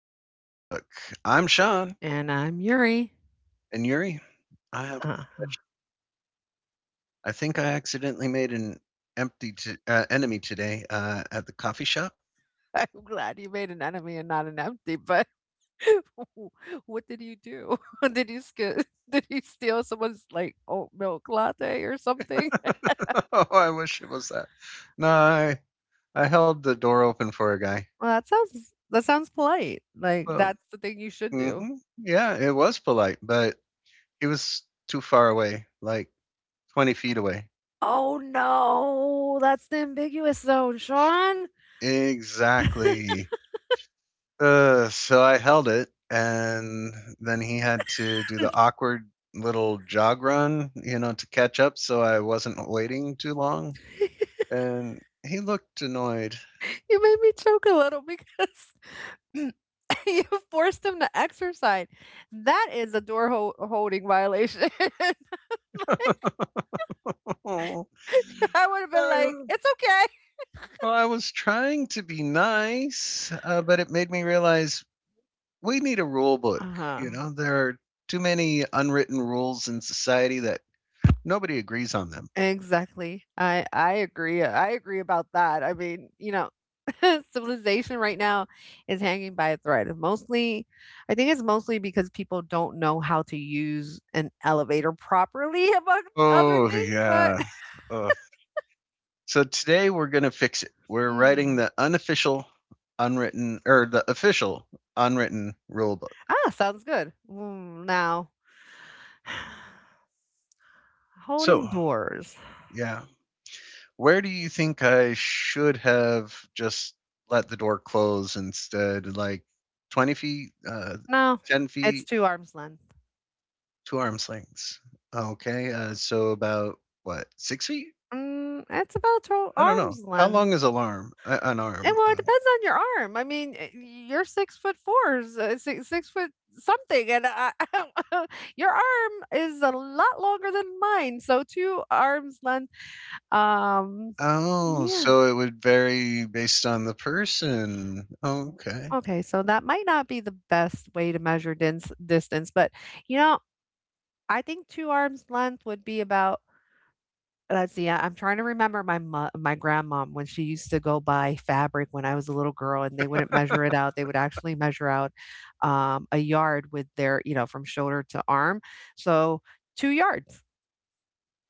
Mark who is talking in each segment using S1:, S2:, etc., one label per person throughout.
S1: Rulebook. I'm Sean,
S2: And I'm Yuri.
S1: and Yuri, I have a
S2: Uh-huh.
S1: confession. I think I accidentally made an enemy today at the coffee shop.
S2: I'm glad you made an enemy and not an empty, but what did you do? Did you sk Did you steal someone's, like, oat milk latte or something?
S1: Oh, I wish it was that. No, I held the door open for a guy.
S2: Well, that sounds polite, like,
S1: Well,
S2: that's the thing you should do.
S1: Mhm. Yeah, it was polite, but it was too far away, like 20 feet away.
S2: Oh, no, that's the ambiguous zone, Sean.
S1: Exactly. So I held it, and then he had to do the awkward little jog run, to catch up so I wasn't waiting too long. And he looked annoyed.
S2: You made me choke a little because you forced him to exercise. That is a door holding violation.
S1: Oh,
S2: I would have been
S1: I,
S2: like, "It's okay."
S1: well, I was trying to be nice, but it made me realize we need a rule book. You
S2: Uh-huh.
S1: know, there are too many unwritten rules in society that nobody agrees on them.
S2: Exactly. I agree. I agree about that. I mean, you know, civilization right now is hanging by a thread. Mostly, I think it's mostly because people don't know how to use an elevator properly, among other
S1: Oh,
S2: things. But
S1: yeah. Ugh. So today we're going to fix it. We're writing
S2: hmm.
S1: the unofficial, unwritten, or the official unwritten rule book.
S2: Ah, sounds good. Now,
S1: So,
S2: holding doors.
S1: yeah. Where do you think I should have just let the door close instead? Like 20 feet,
S2: No,
S1: 10
S2: it's
S1: feet,
S2: two arms length.
S1: two arms lengths. Okay. So about what, 6 feet?
S2: It's about two
S1: I don't know.
S2: arms
S1: How long
S2: length.
S1: is alarm? An
S2: And
S1: arm?
S2: well, it depends on your arm. I mean, you're 6'4", 6 foot something, and I, your arm is a lot longer than mine. So two arms length. Um,
S1: Oh,
S2: yeah.
S1: so it would vary based on the person. Okay.
S2: Okay. So that might not be the best way to measure distance, but you know, I think two arms length would be about. Let's see, I'm trying to remember my mo my grandmom when she used to go buy fabric when I was a little girl, and they wouldn't measure it out. They would actually measure out, a yard with their, you know, from shoulder to arm, so 2 yards.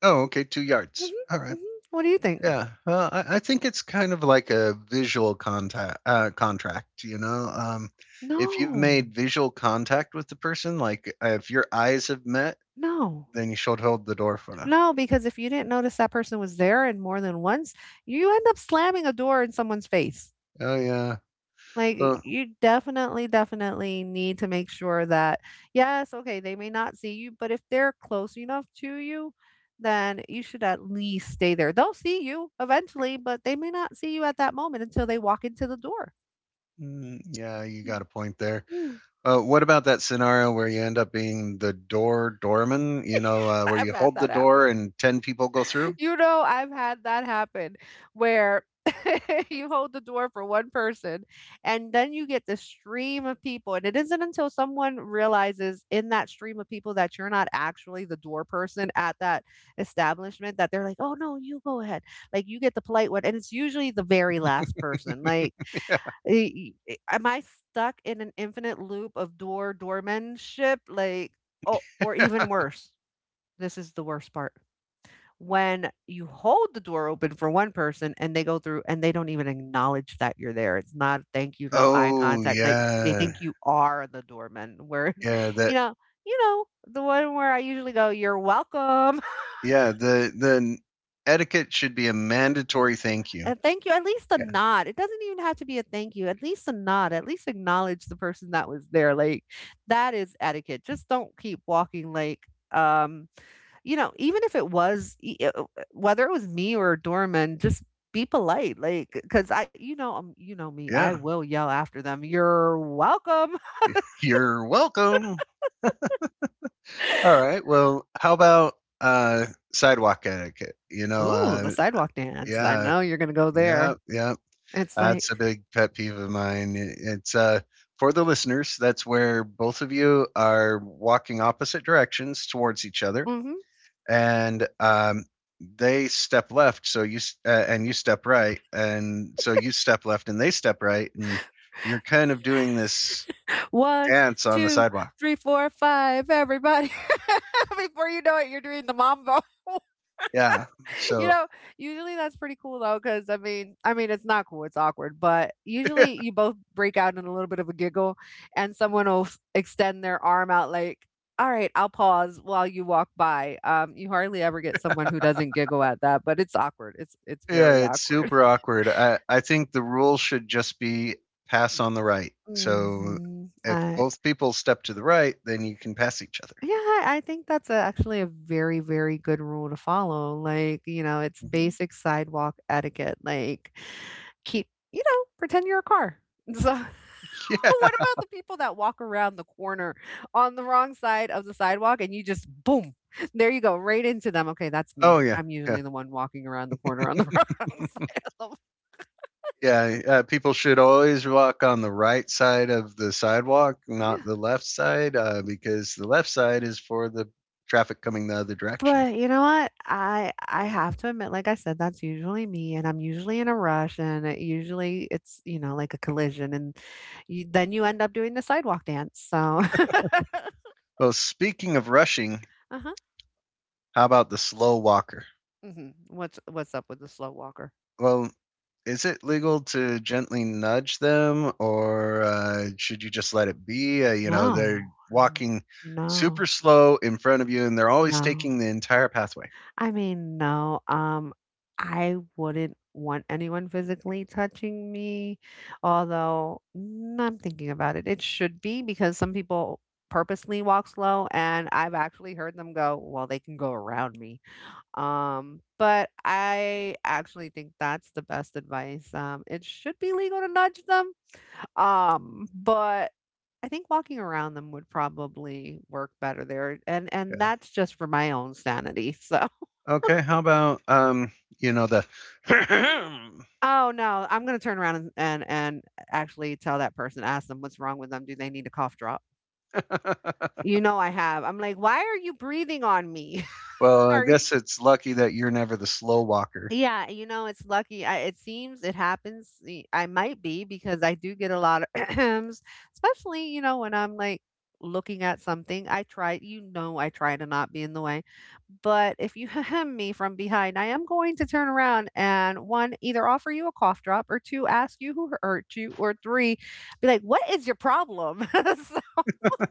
S1: Oh, okay. Two
S2: Mhm,
S1: yards. All right.
S2: mhm. What do you think?
S1: Yeah. Well, I think it's kind of like a visual contact contract. You know, if you've
S2: No,
S1: made visual contact with the person, like if your eyes have met,
S2: no,
S1: then you should hold the door for them.
S2: no, because if you didn't notice that person was there and more than once, you end up slamming a door in someone's face.
S1: Oh yeah.
S2: Like,
S1: Well,
S2: you definitely, definitely need to make sure that yes, okay, they may not see you, but if they're close enough to you, then you should at least stay there. They'll see you eventually, but they may not see you at that moment until they walk into the door.
S1: mm, yeah, you got a point there. What about that scenario where you end up being the doorman? You know, where
S2: I've
S1: you
S2: had
S1: hold the
S2: that
S1: door
S2: happen.
S1: and 10 people go through.
S2: You know, I've had that happen where you hold the door for one person and then you get the stream of people. And it isn't until someone realizes in that stream of people that you're not actually the door person at that establishment that they're like, oh, no, you go ahead. Like, you get the polite one. And it's usually the very last person. Like, am I stuck in an infinite loop of doormanship? Like, oh, or even worse. This is the worst part when you hold the door open for one person and they go through and they don't even acknowledge that you're there. It's not thank you, no eye
S1: Oh
S2: contact. Like, they
S1: yeah,
S2: think you are the doorman. Where,
S1: yeah. That
S2: you know, you know, the one where I usually go, you're welcome.
S1: yeah. The etiquette should be a mandatory thank you.
S2: And thank you. At least a
S1: Yeah,
S2: nod. It doesn't even have to be a thank you. At least a nod. At least acknowledge the person that was there. Like, that is etiquette. Just don't keep walking like, um You know, even if it was whether it was me or a doorman, just be polite, like, 'cause I, you know me, I
S1: yeah.
S2: will yell after them, "You're welcome."
S1: You're welcome. All right. Well, how about uh sidewalk etiquette? You know,
S2: Ooh, the sidewalk dance. I
S1: yeah,
S2: know you're gonna go
S1: yeah,
S2: there.
S1: yeah.
S2: It's like,
S1: That's a big pet peeve of mine. It's for the listeners, that's where both of you are walking opposite directions towards each other
S2: mhm,
S1: and they step left so and you step right and so you step left and they step right and you're kind of doing this
S2: "1,
S1: dance on the sidewalk.
S2: everybody." Before you know it, you're doing the mambo.
S1: Yeah.
S2: You
S1: So
S2: know, usually that's pretty cool though, because I mean, it's not cool, it's awkward, but usually you both break out in a little bit of a giggle and someone will s extend their arm out like, "All right, I'll pause while you walk by." You hardly ever get someone who doesn't giggle at that, but it's awkward. It's
S1: Yeah,
S2: very
S1: it's
S2: awkward.
S1: super awkward. I think the rule should just be pass on the right. So
S2: Mhm.
S1: if
S2: I
S1: both people step to the right, then you can pass each other.
S2: Yeah, I think that's actually a very, very good rule to follow. Like, you know, it's
S1: Hmm.
S2: basic sidewalk etiquette. Like, keep, you know, pretend you're a car. So,
S1: Yeah.
S2: what about the people that walk around the corner on the wrong side of the sidewalk and you just boom, there you go, right into them? Okay, that's
S1: Oh,
S2: me.
S1: yeah.
S2: I'm
S1: Yeah.
S2: usually the one walking around the corner on the wrong side of the.
S1: Yeah. People should always walk on the right side of the sidewalk, not
S2: Yeah.
S1: the left side, because the left side is for the traffic coming the other direction.
S2: But you know what? I have to admit, like I said, that's usually me, and I'm usually in a rush, and it usually it's, you know, like a collision, and then you end up doing the sidewalk dance. So,
S1: Well, speaking of rushing,
S2: uh-huh.
S1: how about the slow walker?
S2: What's up with the slow walker?
S1: Well, is it legal to gently nudge them, or should you just let it be? You know, they're
S2: No,
S1: walking
S2: Mm,
S1: super
S2: no,
S1: slow in front of you, and they're always
S2: no.
S1: taking the entire pathway.
S2: I mean, no, I wouldn't want anyone physically touching me, although I'm thinking about it. It should be because some people purposely walk slow, and I've actually heard them go, well, they can go around me. But I actually think that's the best advice. It should be legal to nudge them. But I think walking around them would probably work better there, and
S1: Yeah.
S2: that's just for my own sanity. So.
S1: Okay. How about you know the.
S2: Oh, no, I'm gonna turn around and actually tell that person, ask them what's wrong with them, do they need a cough drop? You know I have. I'm like, "Why are you breathing on me?"
S1: Well, I
S2: Are
S1: guess it's lucky that you're never the slow walker.
S2: Yeah, you know, it's lucky. It seems it happens. I might be because I do get a lot of especially, you know, when I'm like looking at something. I try to not be in the way. But if you ahem me from behind, I am going to turn around and one, either offer you a cough drop, or two, ask you who hurt you, or three, be like, what is your problem? So,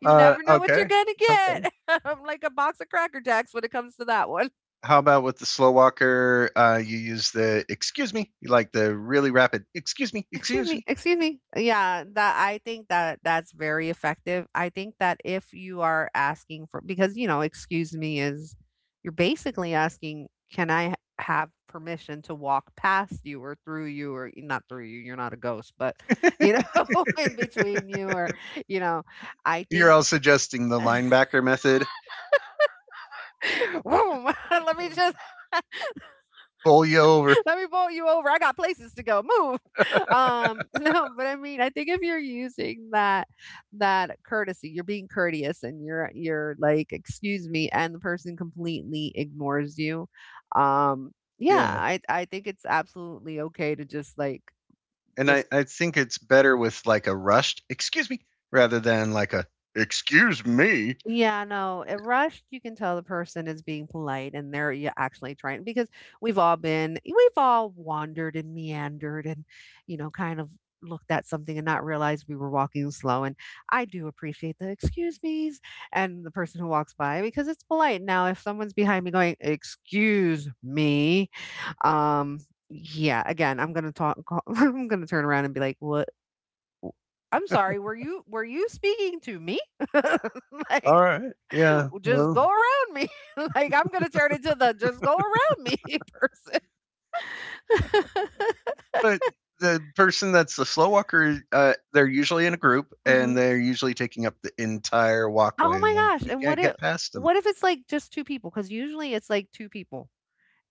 S2: you
S1: Uh,
S2: never know what you're
S1: okay.
S2: going to
S1: Okay.
S2: get. I'm like a box of Cracker Jacks when it comes to that one.
S1: How about with the slow walker? You use the excuse me, you like the really rapid excuse me,
S2: Excuse
S1: excuse
S2: me, excuse me. Yeah, that, I think that that's very effective. I think that if you are asking for, because, you know, excuse me is, you're basically asking, can I have permission to walk past you or through you, or not through you, you're not a ghost, but, you
S1: me.
S2: know, in between you, or, you know, I
S1: You're
S2: think.
S1: all suggesting the linebacker method.
S2: Boom. let me just
S1: Bowl you over.
S2: Let me bowl you over. I got places to go. Move. No, but I mean, I think if you're using that courtesy, you're being courteous and you're like, excuse me, and the person completely ignores you. Um, yeah,
S1: Yeah.
S2: I think it's absolutely okay to just like
S1: And I,
S2: just.
S1: I think it's better with like a rushed, excuse me, rather than like a, excuse me.
S2: Yeah, no. It rushed, you can tell the person is being polite and they're, yeah, actually trying because we've all wandered and meandered and, you know, kind of looked at something and not realized we were walking slow. And I do appreciate the excuse me's and the person who walks by because it's polite. Now, if someone's behind me going, excuse me, um, yeah, again, I'm gonna talk, I'm gonna turn around and be like, what? I'm sorry, were you speaking to me?
S1: All
S2: Like,
S1: right. Yeah.
S2: just
S1: Well,
S2: go around me." Like, I'm gonna turn into the "just go around me" person.
S1: but the person that's the slow walker, they're usually in a group and
S2: Mhm.
S1: they're usually taking up the entire
S2: Oh
S1: walkway. Like
S2: my gosh,
S1: you
S2: and what
S1: can't
S2: if
S1: get past them.
S2: what if it's, like, just 2 people? Because usually it's, like, 2 people.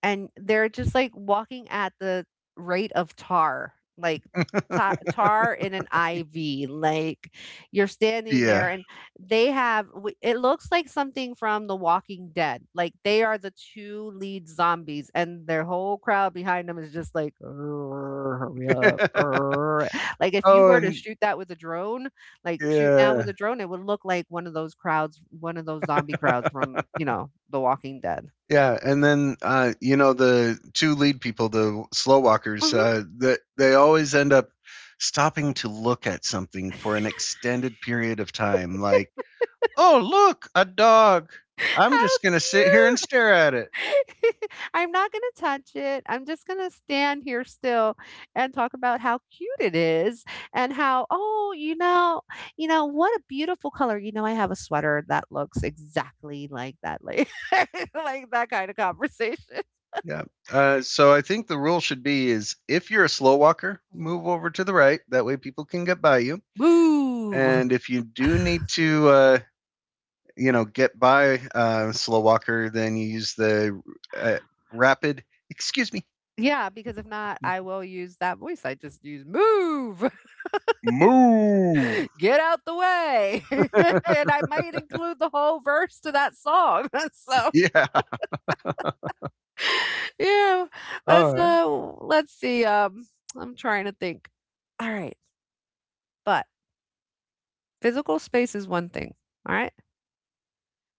S2: And they're just, like, walking at the rate of tar, like, ta tar in an IV, like, you're standing there
S1: Yeah.
S2: and they have w it looks like something from The Walking Dead, like, they are the 2 lead zombies, and their whole crowd behind them is just like, "Urgh, "Hurry up, hur" like, if you
S1: Oh,
S2: were to
S1: and
S2: shoot that with a drone, like, shoot down with
S1: yeah.
S2: a drone, it would look like one of those zombie crowds from, you know, The Walking Dead.
S1: Yeah, and then you know the two lead people, the slow walkers,
S2: Mhm.
S1: that they always end up stopping to look at something for an extended period of time. Like, oh look, a dog. I'm
S2: How
S1: just gonna sit here and
S2: cute.
S1: stare at it.
S2: I'm not gonna touch it. I'm just gonna stand here still and talk about how cute it is and how, oh, you know, what a beautiful color. You know, I have a sweater that looks exactly like that, like, like that kind of conversation.
S1: Yeah. So I think the rule should be is if you're a slow walker,
S2: Mhm.
S1: move over to the right. That way people can get by you.
S2: Move.
S1: And if you do need to, get by a slow walker, then you use the uh, rapid. Excuse me
S2: Yeah, because if not, I will use that voice I just used. Move,
S1: move.
S2: get out the way. And I might include the whole verse to that song. So,
S1: Yeah.
S2: yeah, let's,
S1: Alright.
S2: uh, let's see, I'm trying to think. All right, but physical space is one thing, all right?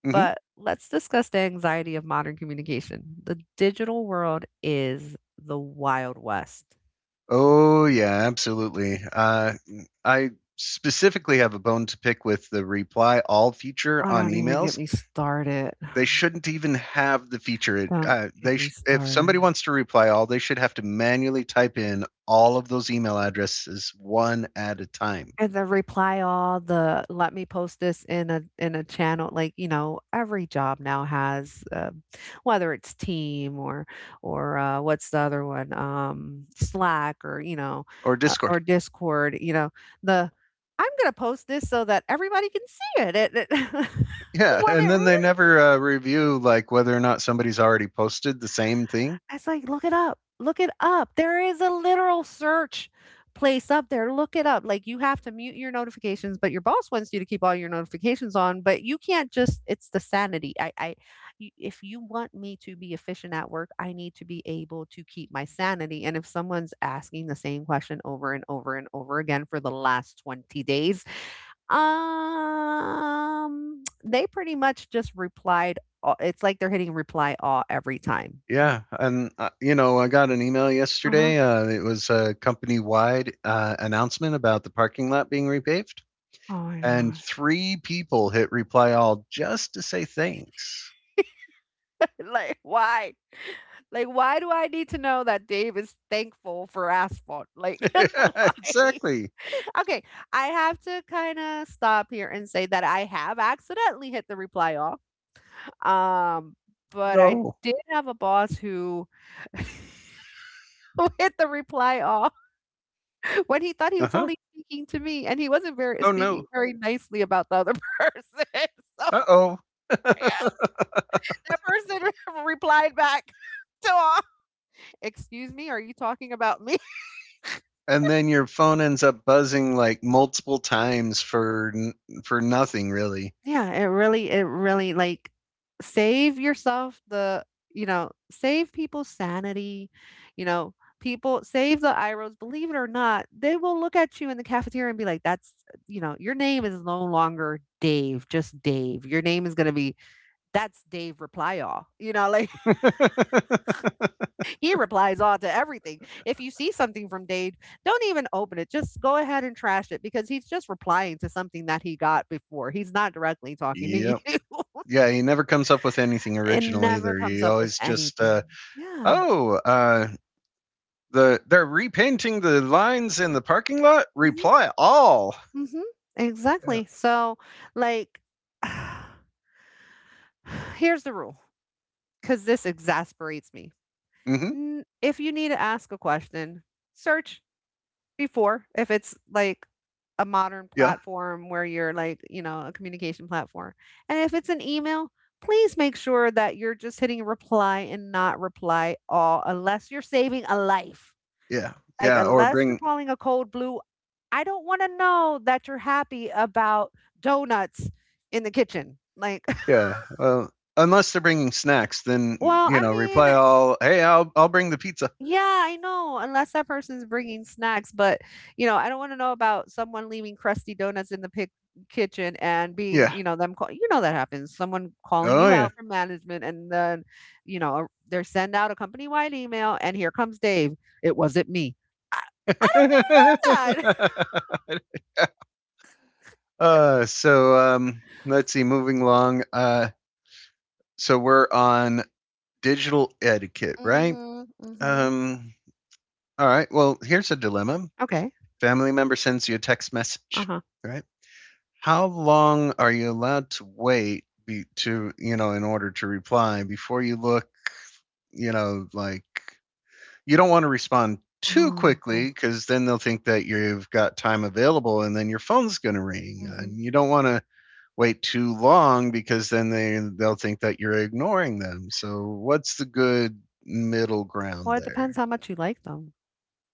S1: Mhm.
S2: But let's discuss the anxiety of modern communication. The digital world is the Wild West.
S1: Oh, yeah, absolutely. I specifically have a bone to pick with the reply all feature
S2: Oh,
S1: on
S2: don't even get
S1: emails.
S2: me started.
S1: They shouldn't even have the feature. It,
S2: Don't
S1: they
S2: get me
S1: sh If
S2: started.
S1: somebody wants to reply all, they should have to manually type in all of those email addresses one at a time
S2: And the reply all, the let me post this in a channel, like, you know, every job now has, whether it's Team or what's the other one? Slack or,
S1: or Discord.
S2: Discord, you know, the, "I'm gonna post this so that everybody can see it," it
S1: Yeah,
S2: when
S1: and
S2: it
S1: then they never, review, like, whether or not somebody's already posted the same thing.
S2: it's like, "Look it up. Look it up. There is a literal search place up there. Look it up. Like you have to mute your notifications, but your boss wants you to keep all your notifications on, but you can't just it's the sanity. If you want me to be efficient at work, I need to be able to keep my sanity. And if someone's asking the same question over and over and over again for the last 20 days, they pretty much just replied all- it's like they're hitting reply all every time.
S1: Yeah, and, you know, I got an email
S2: Uh-huh.
S1: yesterday, it was a company-wide, announcement about the parking lot being repaved,
S2: Oh my
S1: and
S2: gosh.
S1: 3 people hit reply all just to say thanks.
S2: Like why, like why do I need to know that Dave is thankful for asphalt, like why?
S1: Exactly.
S2: Okay, I have to kind of stop here and say that I have accidentally hit the reply all, um but I
S1: No.
S2: did have a boss who who hit the reply all when he thought he was
S1: Uh-huh.
S2: only speaking to me and he wasn't very
S1: "Oh, no.
S2: speaking very nicely about the other person. So
S1: Uh-oh."
S2: yeah, the person replied back to all, "Excuse me, are you talking about me?"
S1: And then your phone ends up buzzing, like, multiple times for nothing, really.
S2: Yeah, it really like, save yourself the, save people's sanity, you know, people save the iros. Believe it or not, they will look at you in the cafeteria and be like, "That's," you know, "Your name is no longer Dave, just Dave. Your name is gonna be, that's Dave Reply All,'" you know, like he replies all to everything. If you see something from Dade, don't even open it. Just go ahead and trash it because he's just replying to something that he got before. He's not directly talking to
S1: Yep.
S2: you.
S1: Yeah, he never comes up with anything
S2: It
S1: original
S2: never
S1: either.
S2: comes
S1: He
S2: up with
S1: always just,
S2: anything.
S1: uh
S2: Yeah.
S1: Oh, they're repainting the lines in the parking lot.
S2: Hmm.
S1: Reply all.
S2: Hmm.
S1: Yeah.
S2: Exactly. So, like, here's the rule because this exasperates me.
S1: Mm-hmm.
S2: If you need to ask a question, search before, if it's like a modern
S1: Yeah.
S2: platform where you're like, you know, a communication platform. And if it's an email, please make sure that you're just hitting reply and not reply all unless you're saving a life.
S1: Yeah.
S2: Like
S1: Yeah. Or
S2: unless you're
S1: bring.
S2: calling a cold blue, I don't want to know that you're happy about donuts in the kitchen. Like,
S1: Yeah. Well, unless they're bringing snacks, then
S2: well,
S1: you
S2: I
S1: know,
S2: mean,
S1: reply all. Hey, I'll bring the pizza.
S2: yeah, I know, unless that person's bringing snacks, but, you know, I don't wanna know about someone leaving crusty donuts in the pic kitchen and being
S1: Yeah.
S2: you know, them call you know that happens, someone calling
S1: Oh
S2: you
S1: yeah.
S2: out from management and then, you know, they send out a company-wide email, and here comes Dave, "It wasn't me." That. God.
S1: So. Let's see. Moving along. So we're on digital etiquette, right?
S2: Mhm, mhm.
S1: Um. All right. Well, here's a dilemma.
S2: Okay.
S1: Family member sends you a text message,
S2: Uh-huh.
S1: right? How long are you allowed to wait to, in order to reply before you look, like you don't want to respond too
S2: Oh, oh.
S1: quickly because then they'll think that you've got time available and then your phone's going to ring
S2: Mhm.
S1: and you don't want to wait too long because then they they'll think that you're ignoring them so what's the good middle ground
S2: Well, it depends
S1: there.
S2: how much you like them.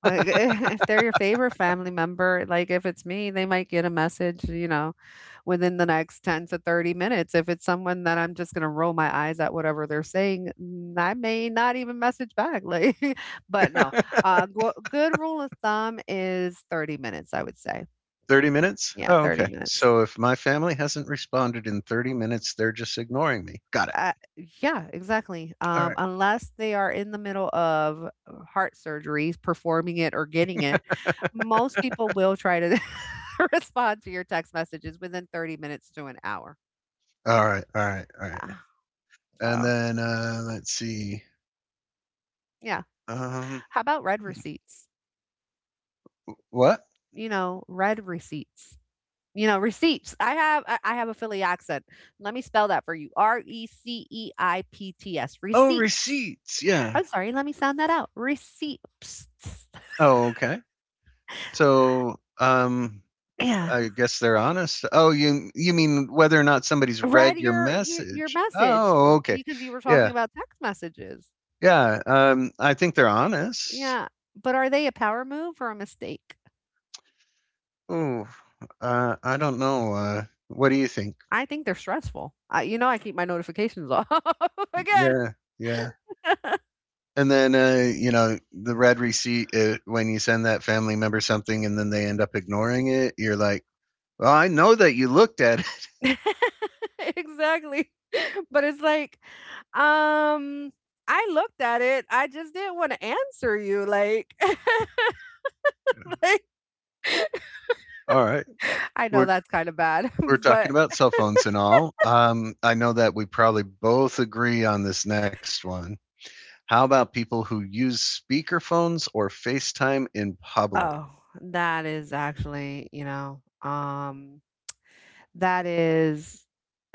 S2: Like, if they're your favorite family member, like, if it's me, they might get a message, you know, within the next 10 to 30 minutes. If it's someone that I'm just gonna roll my eyes at whatever they're saying, I may not even message back. Like, but no, good rule of thumb is 30 minutes, I would say.
S1: 30 minutes?
S2: Yeah,
S1: Oh,
S2: 30
S1: okay.
S2: minutes.
S1: So if my family hasn't responded in 30 minutes, they're just ignoring me. Got it.
S2: Uh, yeah, exactly.
S1: All right.
S2: Unless they are in the middle of heart surgery, performing it or getting it, most people will try to respond to your text messages within 30 minutes to an hour.
S1: All right. All right. All right.
S2: Yeah.
S1: And
S2: So,
S1: then let's see.
S2: yeah.
S1: Um,
S2: How about red receipts?
S1: what?
S2: You know, red receipts. You know, receipts. I have a Philly accent. Let me spell that for you. Receipts.
S1: Oh,
S2: Receipts.
S1: receipts. Yeah.
S2: I'm sorry, let me sound that out. Receipts.
S1: Oh, okay. So
S2: Yeah,
S1: I guess they're honest. Oh, you mean whether or not somebody's
S2: read
S1: read your
S2: your your
S1: message?
S2: message,
S1: Oh, okay.
S2: because you were
S1: Yeah.
S2: talking about text messages.
S1: Yeah. I think they're honest.
S2: Yeah, but are they a power move or a mistake?
S1: Oh, I don't know. What do you think?
S2: I think they're stressful. I, you know, I keep my notifications off again.
S1: Yeah, yeah. And then, the red receipt when you send that family member something and then they end up ignoring it, you're like, "Well, I know that you looked at it."
S2: Exactly. But it's like, um, I looked at it. I just didn't want to answer you. Like, like
S1: All right.
S2: I know
S1: We're
S2: that's kind of bad,
S1: we're talking
S2: but
S1: about cell phones and all. I know that we probably both agree on this next one. How about people who use speakerphones or FaceTime in public?
S2: oh, that is actually, you know, that is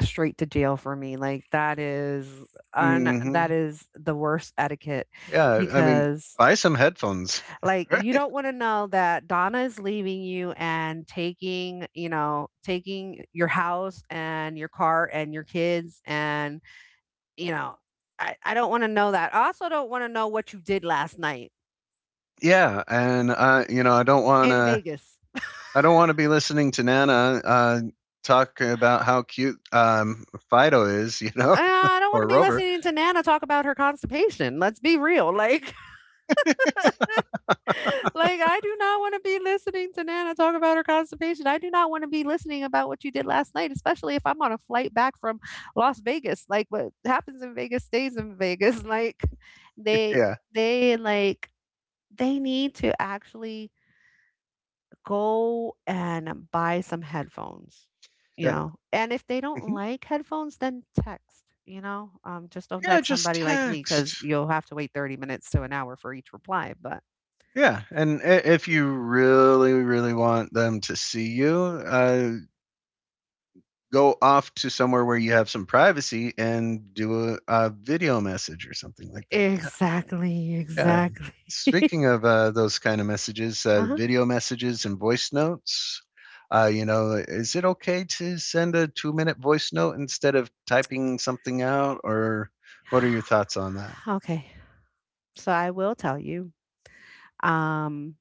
S2: straight to jail for me, like, that is un that
S1: Mhm.
S2: is the worst etiquette
S1: Yeah, I mean,
S2: because,
S1: buy some headphones.
S2: like, you
S1: Right.
S2: don't wanna know that Donna is leaving you and taking, you know, taking your house and your car and your kids and, you know, I don't wanna know that. I also don't wanna know what you did last night
S1: Yeah, and
S2: in Vegas.
S1: I don't want to be listening to Nana uh, talk about how cute Fido is,
S2: I don't
S1: or
S2: wanna be
S1: Rover.
S2: listening to Nana talk about her constipation, let's be real, like, I do not want to be listening to Nana talk about her constipation. I do not want to be listening about what you did last night, especially if I'm on a flight back from Las Vegas. Like, what happens in Vegas stays in Vegas. Like, they,
S1: Yeah,
S2: they, like, they need to actually go and buy some headphones, you
S1: yeah,
S2: know? And if they don't
S1: Mhm.
S2: like headphones, then text. You know, just don't
S1: Yeah.
S2: text
S1: Just
S2: somebody like me because
S1: text.
S2: you'll have to wait 30 minutes to an hour for each reply. But
S1: Yeah, and if you really, really want them to see you, go off to somewhere where you have some privacy and do a video message or something like that.
S2: exactly,
S1: Yeah.
S2: exactly.
S1: Speaking of, those kind of messages,
S2: Uh-huh.
S1: video messages and voice notes, is it okay to send a 2-minute voice note instead of typing something out, or what are your thoughts on
S2: Okay. So I will tell you. Um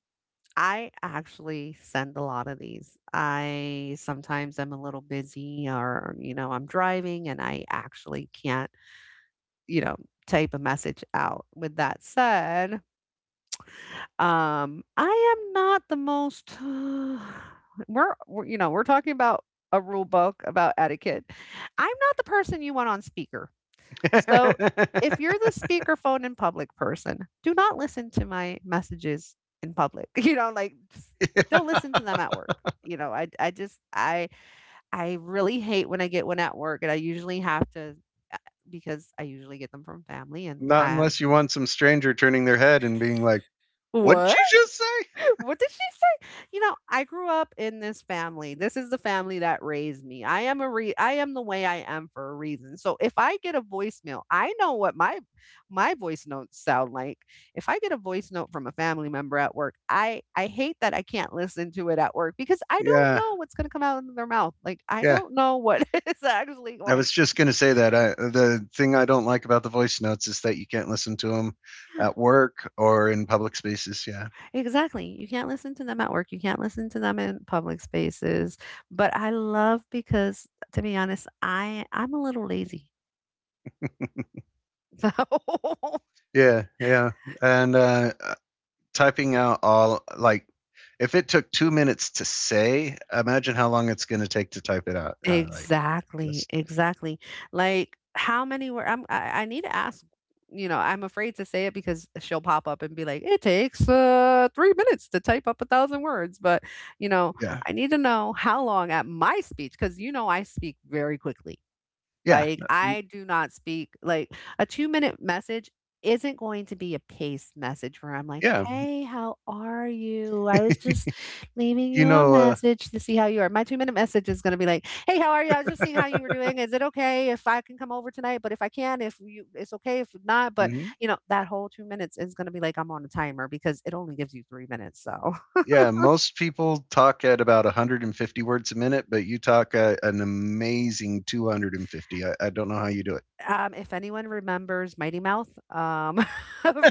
S2: I actually send a lot of these. I sometimes I am a little busy or you know, I'm driving and I actually can't, you know, type a message out. With that said, I am not the most, we're you know, we're talking about a rule book about etiquette. I'm not the person you want on speaker. So, if you're
S1: that?
S2: the speakerphone in public person, do not listen to my messages in public. You know, like just
S1: Yeah.
S2: don't listen to them at work. You know, I I really hate when I get one at work and I usually have to uh, because I usually get them from family and
S1: Not
S2: I
S1: unless you want some stranger turning their head and being like, "What'd
S2: what?
S1: you just say?"
S2: What did she say? You know, I grew up in this family. This is the family that raised me. I am a re I am the way I am for a reason. So if I get a voicemail, I know what my voice notes sound like. If I get a voice note from a family member at work, I hate that I can't listen to it at work because I don't
S1: Yeah,
S2: know what's going to come out of their mouth. Like I
S1: yeah.
S2: don't know what is actually
S1: I
S2: going.
S1: was just gonna say that. I the thing I don't like about the voice notes is that you can't listen to them at work or in public spaces, yeah.
S2: Exactly. You can't listen to them at work. You can't listen to them in public spaces. But I love because to be honest, I'm a little lazy. So
S1: Yeah, yeah. And typing out all, like, if it took 2 minutes to say, imagine how long it's going to take to type it out. Like,
S2: exactly,
S1: just,
S2: exactly. Like how many were I need to ask, you know, I'm afraid to say it because she'll pop up and be like, it takes 3 minutes to type up 1,000 words. But you know,
S1: yeah,
S2: I need to know how long at my speech, because you know I speak very quickly.
S1: yeah,
S2: Like, I do not speak like a 2-minute message isn't going to be a pace message where I'm like,
S1: yeah.
S2: yeah. "Hey, how are you? I was just leaving
S1: you
S2: you a
S1: know, uh,
S2: message to see how you are." My 2-minute message is gonna be like, "Hey, how are you? I was just seeing how you were doing. Is it okay if I can come over tonight? But if I can, if you it's okay if not." But,
S1: mhm.
S2: you know, that whole 2 minutes is gonna be like I'm on a timer because it only gives you 3 minutes, so,
S1: Yeah, most people talk at about 150 words a minute, but you talk an amazing 250. I don't know how you do
S2: if anyone remembers Mighty Mouth,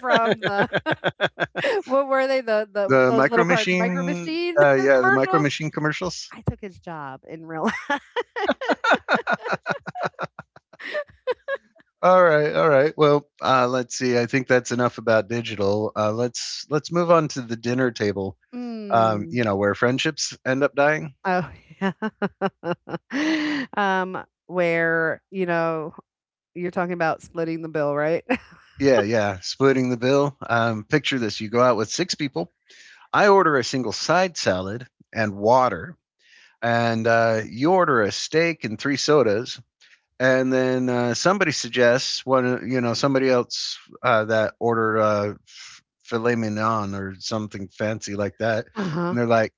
S2: from the what were they? The
S1: The
S2: those
S1: Micro
S2: little cards, the Micro
S1: Machine,
S2: Machine the
S1: yeah, the Micro
S2: commercials?
S1: Machine commercials.
S2: I took his job in real life.
S1: All right, all right. Well, let's see. I think that's enough about digital. Let's move on to the dinner table. You
S2: Mm.
S1: know where friendships end up dying.
S2: Oh, yeah. Where, you know, you're talking about splitting the bill, right?
S1: Yeah, yeah. Splitting the bill. Picture this: you go out with six people. I order a single side salad and water, and you order a steak and three sodas. And then somebody suggests one. You know, somebody else that ordered filet mignon or something fancy like that, and
S2: Uh-huh.
S1: they're like,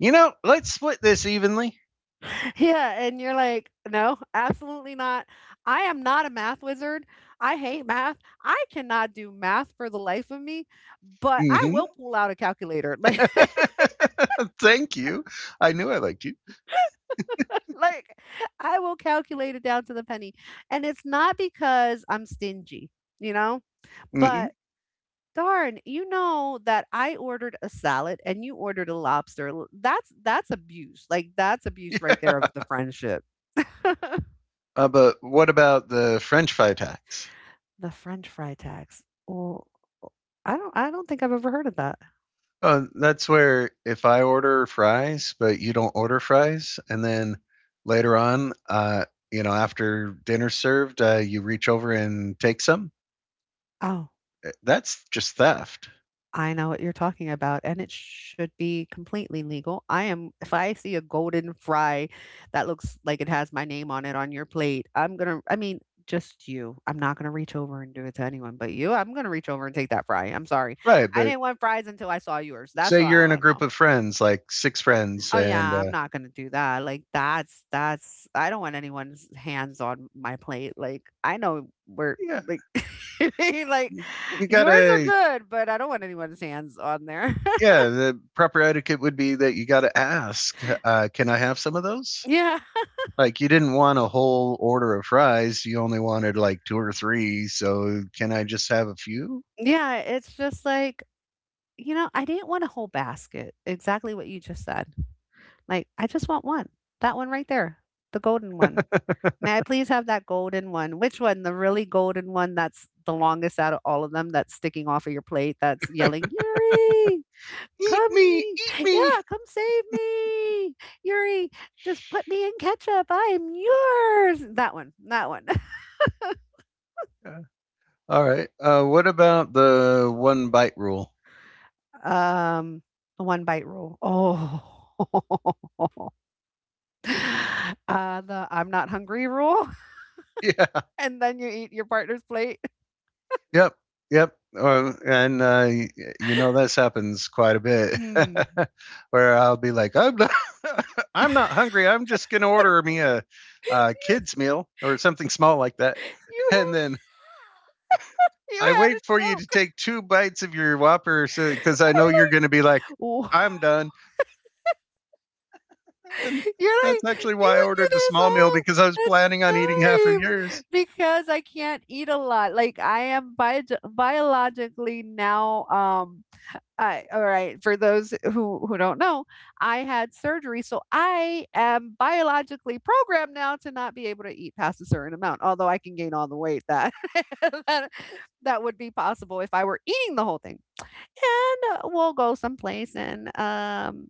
S1: "You know, let's split this evenly."
S2: Yeah, and you're like, "No, absolutely not. I am not a math wizard. I hate math. I cannot do math for the life of me, but I
S1: Mm-hmm.
S2: will pull out a calculator." Like
S1: Thank you. I knew I liked you.
S2: Like, I will calculate it down to the penny. And it's not because I'm stingy, you know?
S1: Hmm.
S2: But darn, you know that I ordered a salad and you ordered a lobster. That's abuse. Like that's abuse right there of the friendship. The
S1: But what about the French fry tax?
S2: French fry tax. Well, I don't think I've ever heard of that.
S1: That's where if I order fries, but you don't order fries, and then later on, after dinner's served, you reach over and take some.
S2: Oh,
S1: That's just theft,
S2: I know what you're talking about, and it should be completely legal. I am if I see a golden fry that looks like it has my name on it on your plate, I'm gonna I mean, just you. I'm not gonna reach over and do it to anyone but you. I'm gonna reach over and take that fry. I'm sorry.
S1: right?
S2: I
S1: But
S2: didn't want fries until I saw yours. That's
S1: say
S2: all
S1: you're in a
S2: I
S1: group
S2: know.
S1: of friends, like six friends,
S2: Oh
S1: and
S2: yeah, I'm not gonna do that. Like that's I don't want anyone's hands on my plate. Like I know we're
S1: yeah,
S2: like like
S1: you, you
S2: yours are
S1: gotta
S2: good, but I don't want anyone's hands on there.
S1: yeah, the proper etiquette would be that you got to ask, "Can I have some of those?"
S2: Yeah.
S1: Like you didn't want a whole order of fries; you only wanted like two or three. So, can I just have a few?
S2: Yeah, it's just like, I didn't want a whole basket. Exactly what you just said. Like, I just want one. That one right there. The golden one. May I please have that golden one? Which one? The really golden one that's the longest out of all of them that's sticking off of your plate that's yelling, "Yuri,
S1: Eat
S2: come
S1: me,
S2: me.
S1: eat me.
S2: Yeah, come save me. Yuri, just put me in ketchup. I'm yours." That one. That one.
S1: Uh, All right. What about the one bite rule?
S2: Um, the one bite rule. Oh. The "I'm not hungry" rule,
S1: Yeah.
S2: and then you eat your partner's plate.
S1: Yep, yep, and, y this happens quite a bit,
S2: Hmm.
S1: where I'll be like, "I'm not I'm not hungry, I'm just gonna order me a kid's meal or something small like that,"
S2: You
S1: and
S2: had
S1: then
S2: you
S1: I
S2: had
S1: wait
S2: a
S1: for you to
S2: joke.
S1: take 2 bites of your Whopper because I know you're gonna be like,
S2: W
S1: "I'm done," and
S2: You're
S1: that's
S2: like,
S1: actually
S2: "You
S1: why I
S2: would do
S1: ordered the
S2: this
S1: small meal
S2: all
S1: because I was
S2: the
S1: planning on eating half of
S2: time
S1: yours.
S2: because I can't eat a lot." Like, I am biog biologically now. I all right, for those who don't know, I had surgery, so I am biologically programmed now to not be able to eat past a certain amount, although I can gain all the weight that that, that would be possible if I were eating the whole thing. And we'll go someplace and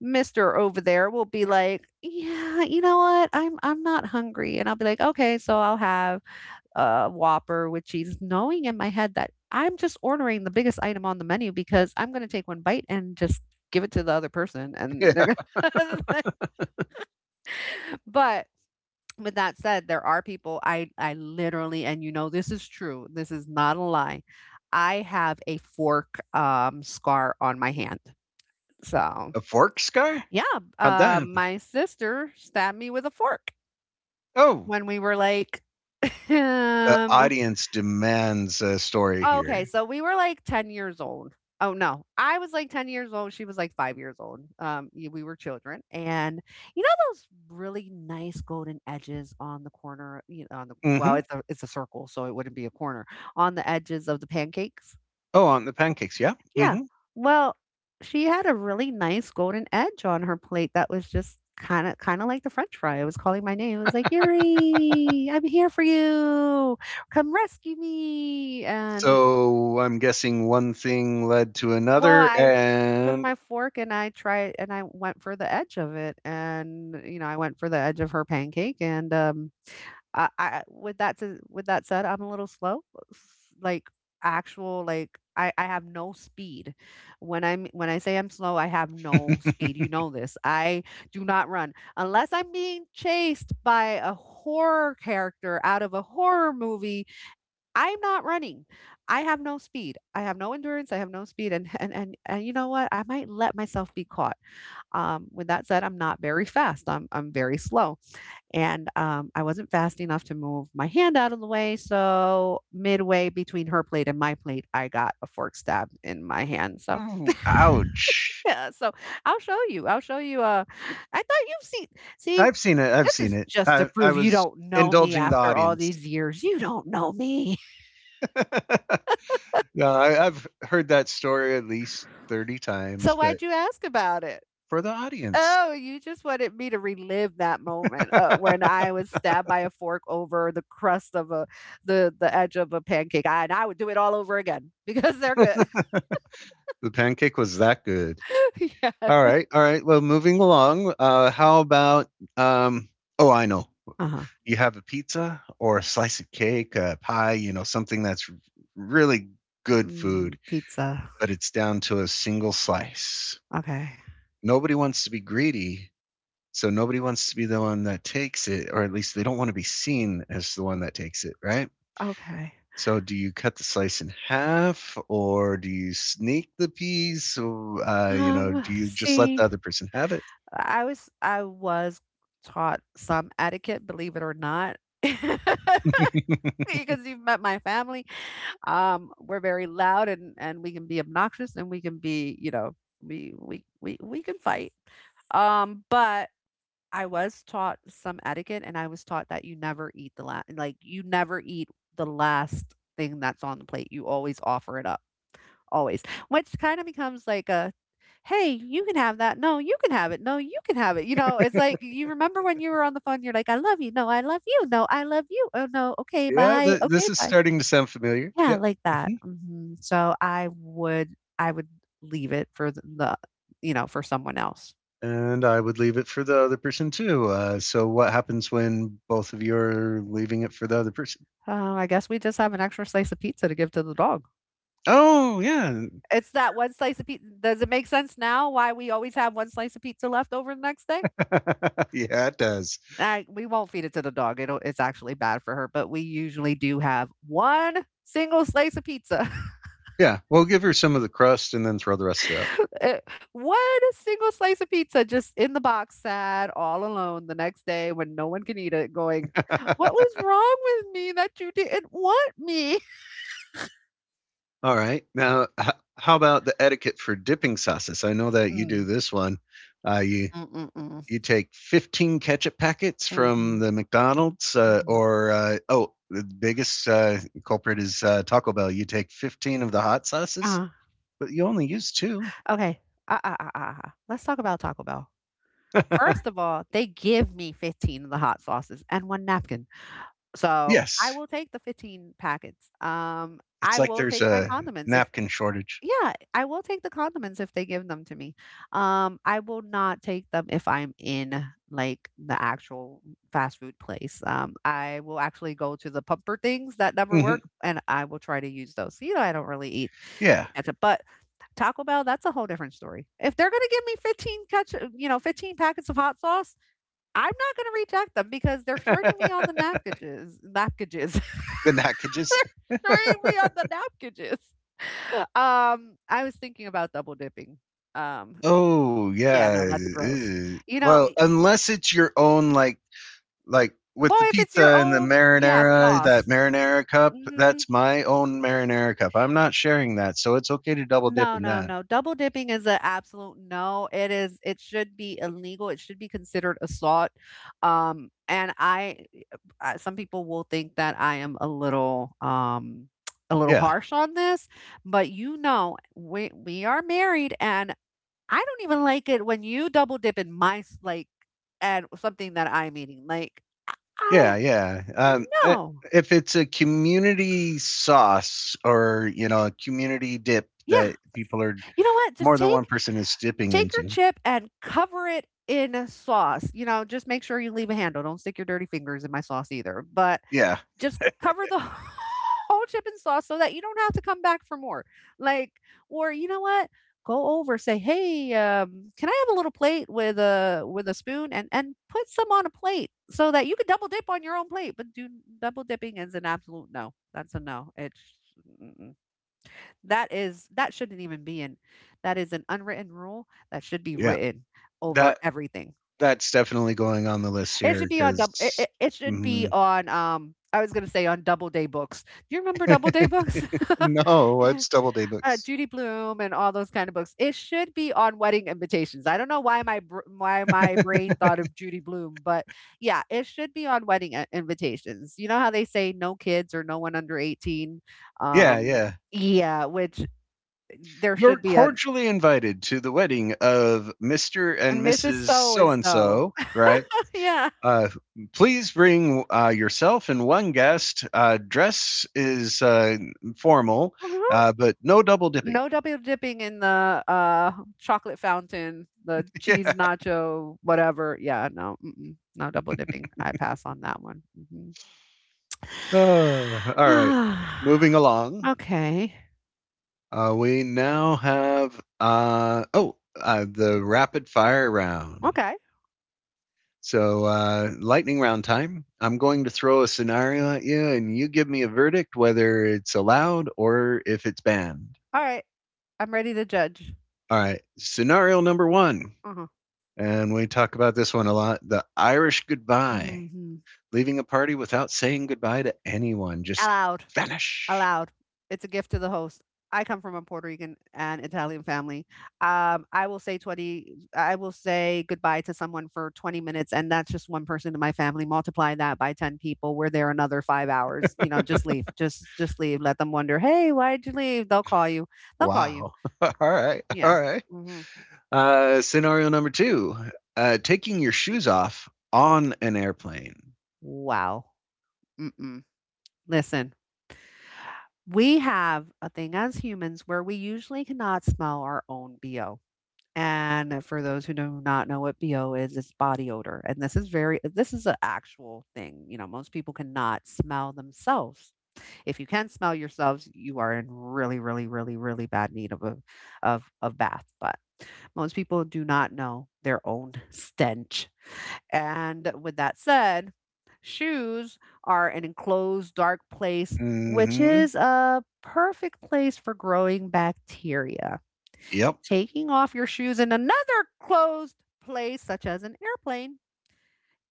S2: Mr. over there will be like, "Yeah, you know what? I'm not hungry." And I'll be like, "Okay, so I'll have Whopper with cheese," knowing in my head that I'm just ordering the biggest item on the menu because I'm going to take one bite and just give it to the other person and they're
S1: Yeah.
S2: going to. But with that said, there are people I literally, and you know, this is true, this is not a lie. I have a fork scar on my hand. So,
S1: A fork scar?
S2: yeah,
S1: How'd that happen?
S2: my sister stabbed me with a fork
S1: Oh.
S2: when we were like,
S1: The
S2: um,
S1: audience demands a story
S2: Oh, okay,
S1: here.
S2: so we were, like, 10 years old. Oh, no, I was, like, 10 years old, she was, like, 5 years old, y we were children, and you know those really nice golden edges on the corner, you know, on the well,
S1: Mhm.
S2: it's a circle, so it wouldn't be a corner, on the edges of the pancakes?
S1: Oh, on the pancakes, yeah.
S2: Yeah,
S1: Mhm.
S2: well, she had a really nice golden edge on her plate that was just kinda like the french fry, it was calling my name, it was like, "Yuri, I'm here for you, come rescue me," and
S1: So I'm guessing one thing led to
S2: well,
S1: another,
S2: I took
S1: and
S2: my fork and I tried and I went for the edge of it and you know, I went for the edge of her pancake and I with with that said, I'm a little slow. Like actual. I have no speed. When I say I'm slow, I have no speed. You know this. I do not run unless I'm being chased by a horror character out of a horror movie. I'm not running. I have no speed. I have no endurance. I have no speed. And and you know what? I might let myself be caught. With that said, I'm not very fast. I'm very slow. And I wasn't fast enough to move my hand out of the way. So midway between her plate and my plate, I got a fork stab in my hand. So
S1: ooh, ouch!
S2: yeah. So I'll show you. I'll show you. I thought you've seen. See,
S1: I've seen it. I've
S2: this
S1: seen
S2: is
S1: it.
S2: just to
S1: I
S2: prove you
S1: was
S2: don't know me
S1: indulging the
S2: after all
S1: audience.
S2: these years. You don't know me.
S1: no, I've heard that story at least 30 times,
S2: So
S1: but
S2: why'd you ask about it?
S1: for the audience,
S2: Oh, you just wanted me to relive that moment, when
S1: the
S2: I was stabbed by a fork over the crust of a the edge of a pancake, I would do it all over again because they're good.
S1: pancake was that good.
S2: Yeah.
S1: All right, all right. Well, moving along. How about? Um, oh, I know.
S2: Uh-huh.
S1: You have a pizza or a slice of cake, a pie. You know, something that's really good
S2: Mm,
S1: food,
S2: pizza.
S1: but it's down to a single slice.
S2: Okay.
S1: Nobody wants to be greedy, so nobody wants to be the one that takes it, or at least they don't want to be seen as the one that takes it, right?
S2: Okay.
S1: So, do you cut the slice in half, or do you sneak the piece? Or, you know, do you just let the
S2: See,
S1: other person have
S2: I was taught some etiquette, believe it or not.
S1: it?
S2: Because you've met my family. We're very loud and we can be obnoxious and we can be, you know, we can fight. But I was taught some etiquette and I was taught that you never eat the last, you never eat the last thing that's on the plate. You always offer it up. Always. Which kind of becomes like a hey, you can have that. No, you can have it. No, you can have it. You know, it's like you remember when you were on the phone, you're like, I love you. No, I love you. No, I love you. Oh no, okay,
S1: Yeah,
S2: bye. Okay,
S1: this is
S2: bye.
S1: starting to sound familiar.
S2: Yeah,
S1: Yep.
S2: like that.
S1: Mhm.
S2: Mhm. So I would leave it for the, you know, for someone else.
S1: And I would leave it for the other person too. So what happens when both of you are leaving it for the other person?
S2: "Oh, I guess we just have an extra slice of pizza to give to the dog."
S1: Oh, yeah.
S2: It's that one slice of pizza, does it make sense now why we always have one slice of pizza left over the next day?
S1: yeah, it does.
S2: I we won't feed it to the dog, it's actually bad for her, but we usually do have one single slice of pizza.
S1: Yeah, we'll give her some of the crust and then throw the rest out.
S2: Eh, one single slice of pizza just in the box, sad, all alone the next day when no one can eat it, going, "What was wrong with me that you didn't want me?"
S1: All right. Now, how about the etiquette for dipping sauces? I know that you do
S2: Mm.
S1: this one. Uh, you
S2: Mm-mm-mm.
S1: you take 15 ketchup packets from
S2: Mhm.
S1: the McDonald's,
S2: Mhm.
S1: the biggest culprit is Taco Bell. You take 15 of the hot sauces,
S2: Uh,
S1: but you only use two.
S2: okay. Uh, uh, uh, uh, Let's talk about Taco Bell. First of all, they give me 15 of the hot sauces and one napkin. So I
S1: yes,
S2: will take the 15 packets.
S1: it's
S2: I
S1: like
S2: will
S1: there's
S2: take my
S1: a
S2: condiments if
S1: napkin shortage.
S2: yeah, I will take the condiments if they give them to me. I will not take them if I'm in like the actual fast food place. I will actually go to the pumper things that never
S1: Hmm.
S2: work and I will try to use those. You know, I don't really eat
S1: Yeah,
S2: ketchup, but Taco Bell, that's a whole different story. If they're going to give me 15 ketchup, you know, 15 packets of hot sauce, I'm not going to reject them because they're shorting me on the
S1: the
S2: napkages.
S1: packages.
S2: They're shorting me on the napkages. I was thinking about double dipping. Um,
S1: Oh
S2: yeah,
S1: yeah.
S2: no, that's gross. You know,
S1: Well,
S2: I
S1: unless it's your own like with the
S2: Well, if it's your
S1: pizza and the
S2: own, yeah,
S1: marinara, that
S2: sauce.
S1: marinara cup,
S2: Mhm.
S1: that's my own marinara cup. I'm not sharing that, so it's okay to double dip
S2: No,
S1: in
S2: no,
S1: that.
S2: no. Double dipping is an absolute no. It should be illegal. It should be considered assault. And I Some people will think that I am a little a little
S1: Yeah,
S2: harsh on this, but you know, we are married and I don't even like it when you double dip in my s- like and something that I'm eating. Like I
S1: yeah.
S2: no.
S1: If it's a community sauce or you know a community dip
S2: Yeah.
S1: that people are
S2: You know what? Just
S1: more than one
S2: take
S1: person is dipping
S2: Take your
S1: into,
S2: chip and cover it in a sauce. You know, just make sure you leave a handle. Don't stick your dirty fingers in my sauce either. But
S1: yeah,
S2: just cover the whole chip and sauce so that you don't have to come back for more. Like, or you know what? Go over, say, "Hey, can I have a little plate with a spoon?" And put some on a plate so that you can double dip on your own plate. But do Double dipping is an absolute no. That's a no. It's mm-mm. That shouldn't even be in. That is an unwritten rule that should be
S1: yeah,
S2: written over
S1: that
S2: everything.
S1: that's definitely going on the list
S2: It
S1: here
S2: should be on double. it
S1: because
S2: it it should be
S1: no,
S2: on, I was gonna say on Doubleday books. Do you remember Doubleday books?
S1: it's double day books.
S2: Judy Blume and all those kind of books. It should be on Wedding Invitations. I don't know why my br why my brain thought of Judy Blume, but yeah, it should be on Wedding I Invitations. You know how they say no kids or no one under 18?
S1: Yeah,
S2: Um,
S1: yeah.
S2: yeah, which eh, there
S1: You're
S2: should be a
S1: cordially invited to the wedding of Mr. and
S2: Mrs.
S1: Mrs.
S2: So
S1: So
S2: and
S1: and
S2: So.
S1: so, right?
S2: Yeah.
S1: Uh, Please bring yourself and one guest. Dress is formal, but no double dipping.
S2: No double dipping in the, chocolate fountain, the cheese
S1: yeah.
S2: nacho, whatever. Yeah, no, mm-mm, no double dipping. I pass on that one. Mhm.
S1: All right. Moving along,
S2: Okay.
S1: we now have the rapid fire round.
S2: Okay.
S1: So, lightning round time. I'm going to throw a scenario at you, and you give me a verdict whether it's allowed or if it's banned.
S2: Alright. I'm ready to judge.
S1: All right. Scenario number one,
S2: Uh-huh.
S1: and we talk about this one a lot the Irish goodbye,
S2: Mhm.
S1: leaving a party without saying goodbye to anyone, just
S2: Aloud.
S1: vanish.
S2: Allowed. It's a gift to the host. I come from a Puerto Rican and Italian family. I will say goodbye to someone for 20 minutes, and that's just one person in my family. Multiply that by 10 people. We're there another 5 hours. You know, just leave. Just leave. Let them wonder, hey, why'd you leave? They'll call you. They'll call you.
S1: Wow. all right.
S2: Yeah.
S1: All right.
S2: Hmm.
S1: Scenario number two, taking your shoes off on an airplane.
S2: Wow. Mm-mm. Listen, we have a thing as humans where we usually cannot smell our own BO. And for those who do not know what BO is, it's body odor. And this is an actual thing. You know, most people cannot smell themselves. If you can smell yourselves, you are in really, really, really, really bad need of a of bath. But most people do not know their own stench. And with that said, shoes are an enclosed dark place,
S1: Mm
S2: which
S1: hmm.
S2: is a perfect place for growing bacteria.
S1: Yep.
S2: Taking off your shoes in another closed place, such as an airplane,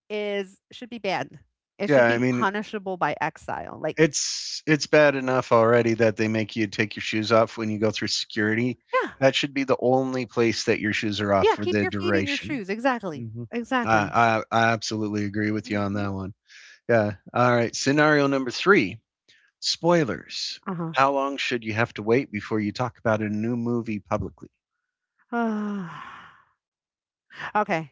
S2: is should be banned. It
S1: Yeah,
S2: should
S1: I
S2: be
S1: mean,
S2: punishable by exile. Like,
S1: it's bad enough already that they make you take your shoes off when you go through security.
S2: yeah,
S1: That should be the only place that your shoes are off
S2: yeah,
S1: for
S2: keep
S1: the
S2: your feet in your
S1: duration.
S2: shoes. Exactly,
S1: Hmm.
S2: exactly.
S1: I absolutely agree with you on
S2: Mhm.
S1: that one. Yeah. All right. Scenario number three: spoilers.
S2: Uh
S1: How long should you have to wait before you talk about a new movie publicly?
S2: huh. Okay.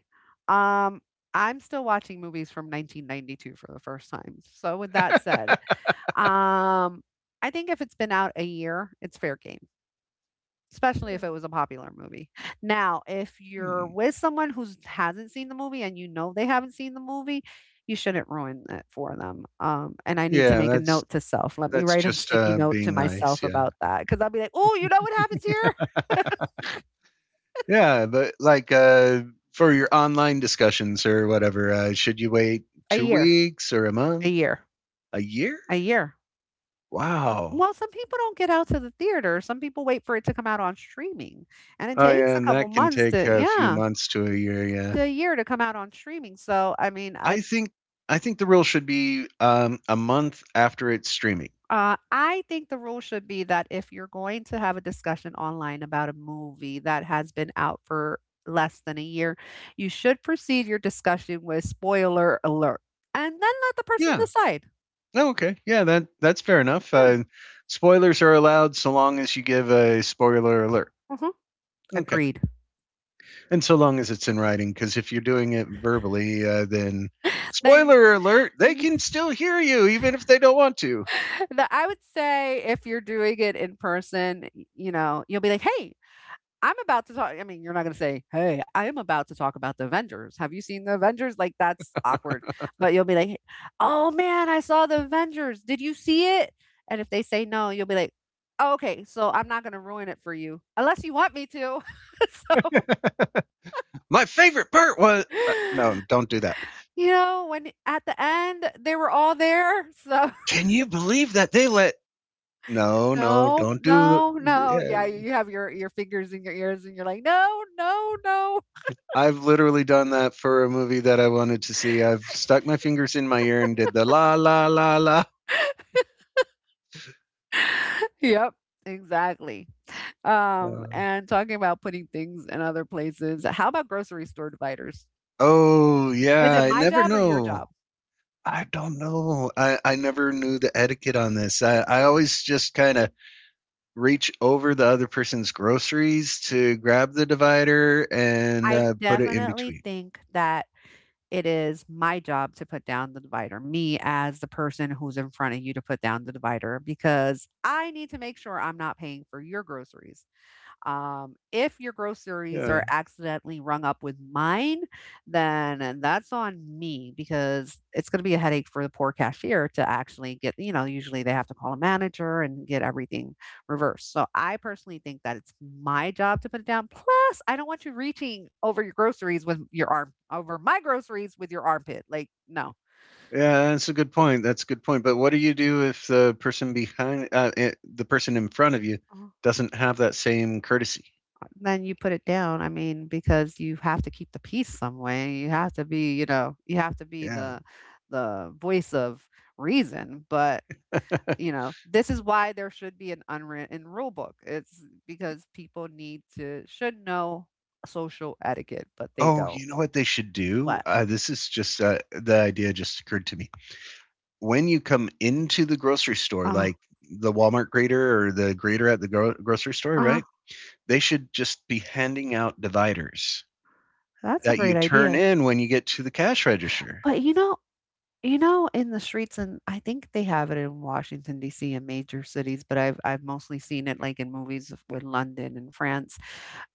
S2: Um, I'm still watching movies from 1992 for the first time. So with that said, um, I think if it's been out a year, it's fair game. Especially if it was a popular movie. Now, if you're
S1: Hmm,
S2: with someone who hasn't seen the movie and you know they haven't seen the movie, you shouldn't ruin it for them, and I need to
S1: yeah,
S2: make a note to self. Let me
S1: that's
S2: write a
S1: just
S2: sticky note to
S1: being nice.
S2: myself
S1: Yeah.
S2: about that because 'cause I'll be like, "Oh, you know what happens here?"
S1: Yeah, but like for your online discussions or whatever, should you wait
S2: A
S1: two
S2: year,
S1: weeks or a
S2: a
S1: month,
S2: year,
S1: a year?
S2: a year.
S1: Wow.
S2: Well, some people don't get out to the theater. Some people wait for it to come out on streaming, and it Right.
S1: Oh
S2: takes
S1: yeah,
S2: a
S1: and
S2: couple
S1: that can
S2: months
S1: take
S2: to
S1: a few
S2: yeah,
S1: months to a year. Yeah,
S2: to a year to come out on streaming, so, I mean, I.
S1: I think I think the rule should be a month after it's streaming.
S2: I think the rule should be that if you're going to have a discussion online about a movie that has been out for less than a year, you should proceed your discussion with spoiler alert and then let the person
S1: Yeah.
S2: decide.
S1: No, okay. Yeah, that that's fair enough.
S2: Yeah,
S1: Spoilers are allowed so long as you give a spoiler alert.
S2: mhm,
S1: Okay.
S2: agreed.
S1: And so long as it's in writing, because if you're doing it verbally, then
S2: Then
S1: spoiler alert, they can still hear you even if they don't want to.
S2: the, I would say if you're doing it in person, you know, you'll be like, hey, I'm about to talk. I mean, you're not going to say, Hey, I am about to talk about the Avengers. Have you seen the Avengers? Like, that's awkward. But you'll be like, Oh man, I saw the Avengers. Did you see it? And if they say no, you'll be like, oh, okay, so I'm not going to ruin it for you unless you want me to. So,
S1: My favorite part was no, don't do that.
S2: you know, when at the end they were all there. So,
S1: Can you believe that they let? No, no,
S2: no,
S1: don't do.
S2: no, no.
S1: Yeah.
S2: Yeah, you have your fingers in your ears and you're like, No, no, no.
S1: I've literally done that for a movie that I wanted to see. I've stuck my fingers in my ear and did the la la la la.
S2: Yep, exactly.
S1: Uh,
S2: And talking about putting things in other places, how about grocery store dividers?
S1: oh
S2: Is
S1: yeah,
S2: it
S1: I
S2: my
S1: never
S2: job or your
S1: know.
S2: job?
S1: I don't know. I never knew the etiquette on this. I always just kind of reach over the other person's groceries to grab the divider and
S2: I
S1: put it in
S2: definitely
S1: between.
S2: think that it is my job to put down the divider, me as the person who's in front of you to put down the divider, because I need to make sure I'm not paying for your groceries. If your groceries
S1: Yeah,
S2: are accidentally rung up with mine, then that's on me because it's going to be a headache for the poor cashier to actually get, you know, usually they have to call a manager and get everything reversed. So I personally think that it's my job to put it down. Plus, I don't want you reaching over your groceries with your arm over my groceries with your armpit. Like, no.
S1: yeah, that's a good point. That's a good point. But what do you do if the person behind, the person in front of you, doesn't have that same courtesy?
S2: Then you put it down, I mean, because you have to keep the peace some way. You have to be, you know, you have to be
S1: Yeah.
S2: the voice of reason, but, you know, this is why there should be an unwritten rule book. It's because people need to should know social etiquette, but they
S1: oh,
S2: don't.
S1: you know what they should do?
S2: What?
S1: This is just the idea just occurred to me. When you come into the grocery store,
S2: Uh-huh,
S1: like the Walmart grater or the grater at the grocery store,
S2: uh-huh.
S1: right? They should just be handing out dividers
S2: That's a
S1: that
S2: great
S1: you turn
S2: idea.
S1: in when you get to the cash register.
S2: But you know You know, in the streets and I think they have it in Washington, DC and major cities, but I've mostly seen it like in movies with London and France.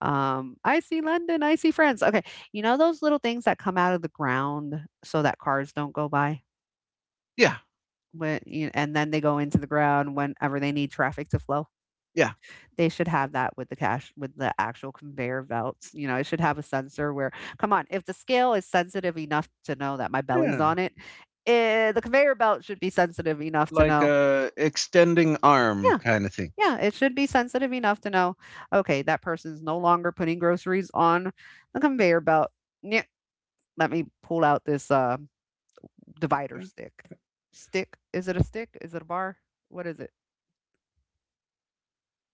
S2: I see London, I see France. Okay. You know those little things that come out of the ground so that cars don't go by
S1: Yeah,
S2: when you, and then they go into the ground whenever they need traffic to flow?
S1: yeah,
S2: They should have that with the cash with the actual conveyor belts, you know, it should have a sensor where come on, if the scale is sensitive enough to know that my belly's
S1: yeah.
S2: on it, eh, the conveyor belt should be sensitive enough to
S1: Like
S2: know
S1: a extending arm
S2: yeah,
S1: kind of thing.
S2: yeah, it should be sensitive enough to know, okay, that person's no longer putting groceries on the conveyor belt. Yeah, let me pull out this divider stick. Stick? Is it a stick? Is it a bar? What is it?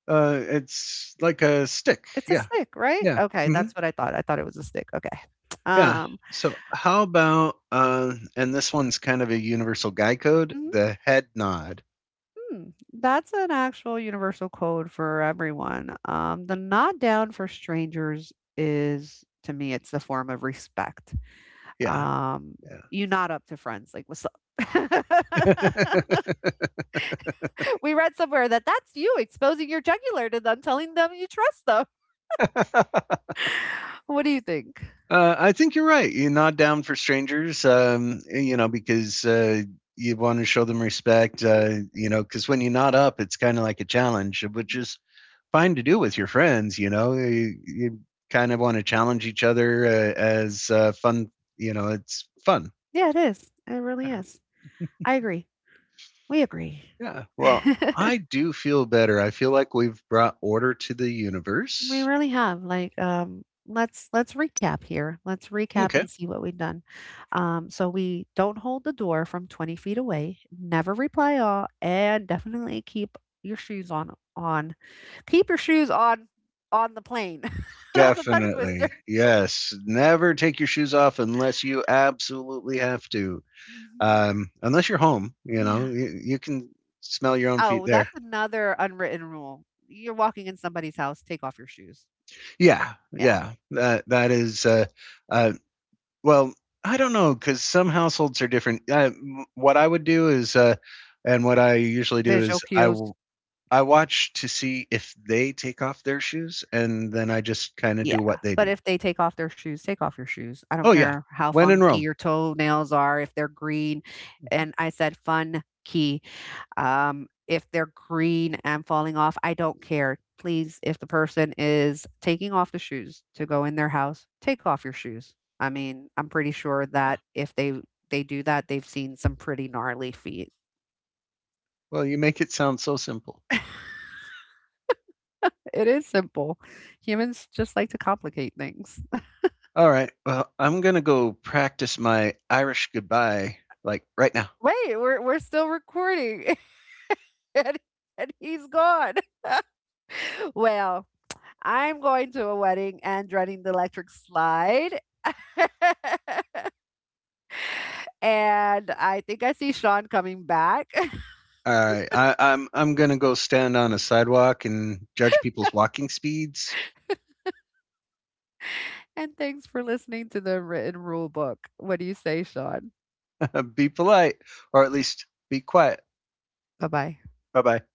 S1: It's like a stick.
S2: It's a
S1: Yeah,
S2: stick, right?
S1: yeah,
S2: Okay,
S1: hmm,
S2: that's what I thought. I thought it was a stick. Okay.
S1: yeah.
S2: Um,
S1: So how about and this one's kind of a universal guy code,
S2: mhm.
S1: the head nod.
S2: Hmm, that's an actual universal code for everyone. The nod down for strangers is, to me, it's the form of respect.
S1: Yeah,
S2: Um, you nod up to friends, like, what's up?
S1: yeah.
S2: We read somewhere that that's you exposing your jugular to them, telling them you trust them. What do you think?
S1: I think you're right. You're not down for strangers, you know, because you want to show them respect,
S2: Mhm,
S1: you know, because when you're not up, it's kind of like a challenge, which
S2: mhm.
S1: is fine to do with your friends, you know. You kind of want to challenge each other as fun, you know, it's fun.
S2: Yeah, it is. It
S1: Yeah.
S2: really is. I agree. We agree.
S1: Yeah. Well, I do feel better. I feel like we've brought order to the
S2: We
S1: universe.
S2: really have, like, let's recap here. Let's recap
S1: Okay.
S2: and see what we've done. So we don't hold the door from 20 feet away, never reply all, and definitely on. Keep your shoes on the plane. That's a tongue
S1: Definitely.
S2: twister.
S1: Yes. Never take your shoes off unless you absolutely have to.
S2: Mhm.
S1: Unless you're home. You know,
S2: Yeah.
S1: you can smell your own feet
S2: Oh,
S1: there.
S2: that's another unwritten rule. You're walking in somebody's house, take off your shoes.
S1: Yeah,
S2: Yeah.
S1: yeah. That that is. Uh, well, I don't know because some households are different. What I would do is, and what I usually do
S2: Visual
S1: is, I
S2: cues.
S1: will. I watch to see if they take off their shoes, and then I just kind of
S2: Yeah,
S1: do what they
S2: but
S1: do.
S2: if they take off their shoes, take off your shoes. I don't
S1: Oh yeah,
S2: care how
S1: when in
S2: funky
S1: Rome.
S2: your toenails are, if they're green, and I said fun key. Um, if they're green and falling off, I don't care. Please, if the person is taking off the shoes to go in their house, take off your shoes. I mean, I'm pretty sure
S1: Yeah.
S2: that if they do that, they've seen some pretty gnarly feet.
S1: Well, you make it sound so simple.
S2: It is simple. Humans just like to complicate things.
S1: All right. Well, I'm gonna go practice my Irish goodbye like right now.
S2: Wait, we're still recording. and, and he's gone. Well, I'm going to a wedding and running the electric slide. And I think I see Sean coming back.
S1: All right, I'm gonna go stand on a sidewalk and judge people's walking speeds.
S2: And thanks for listening to the written rule book. What do you say, Sean?
S1: be polite, or at least be quiet.
S2: Bye bye.
S1: Bye bye.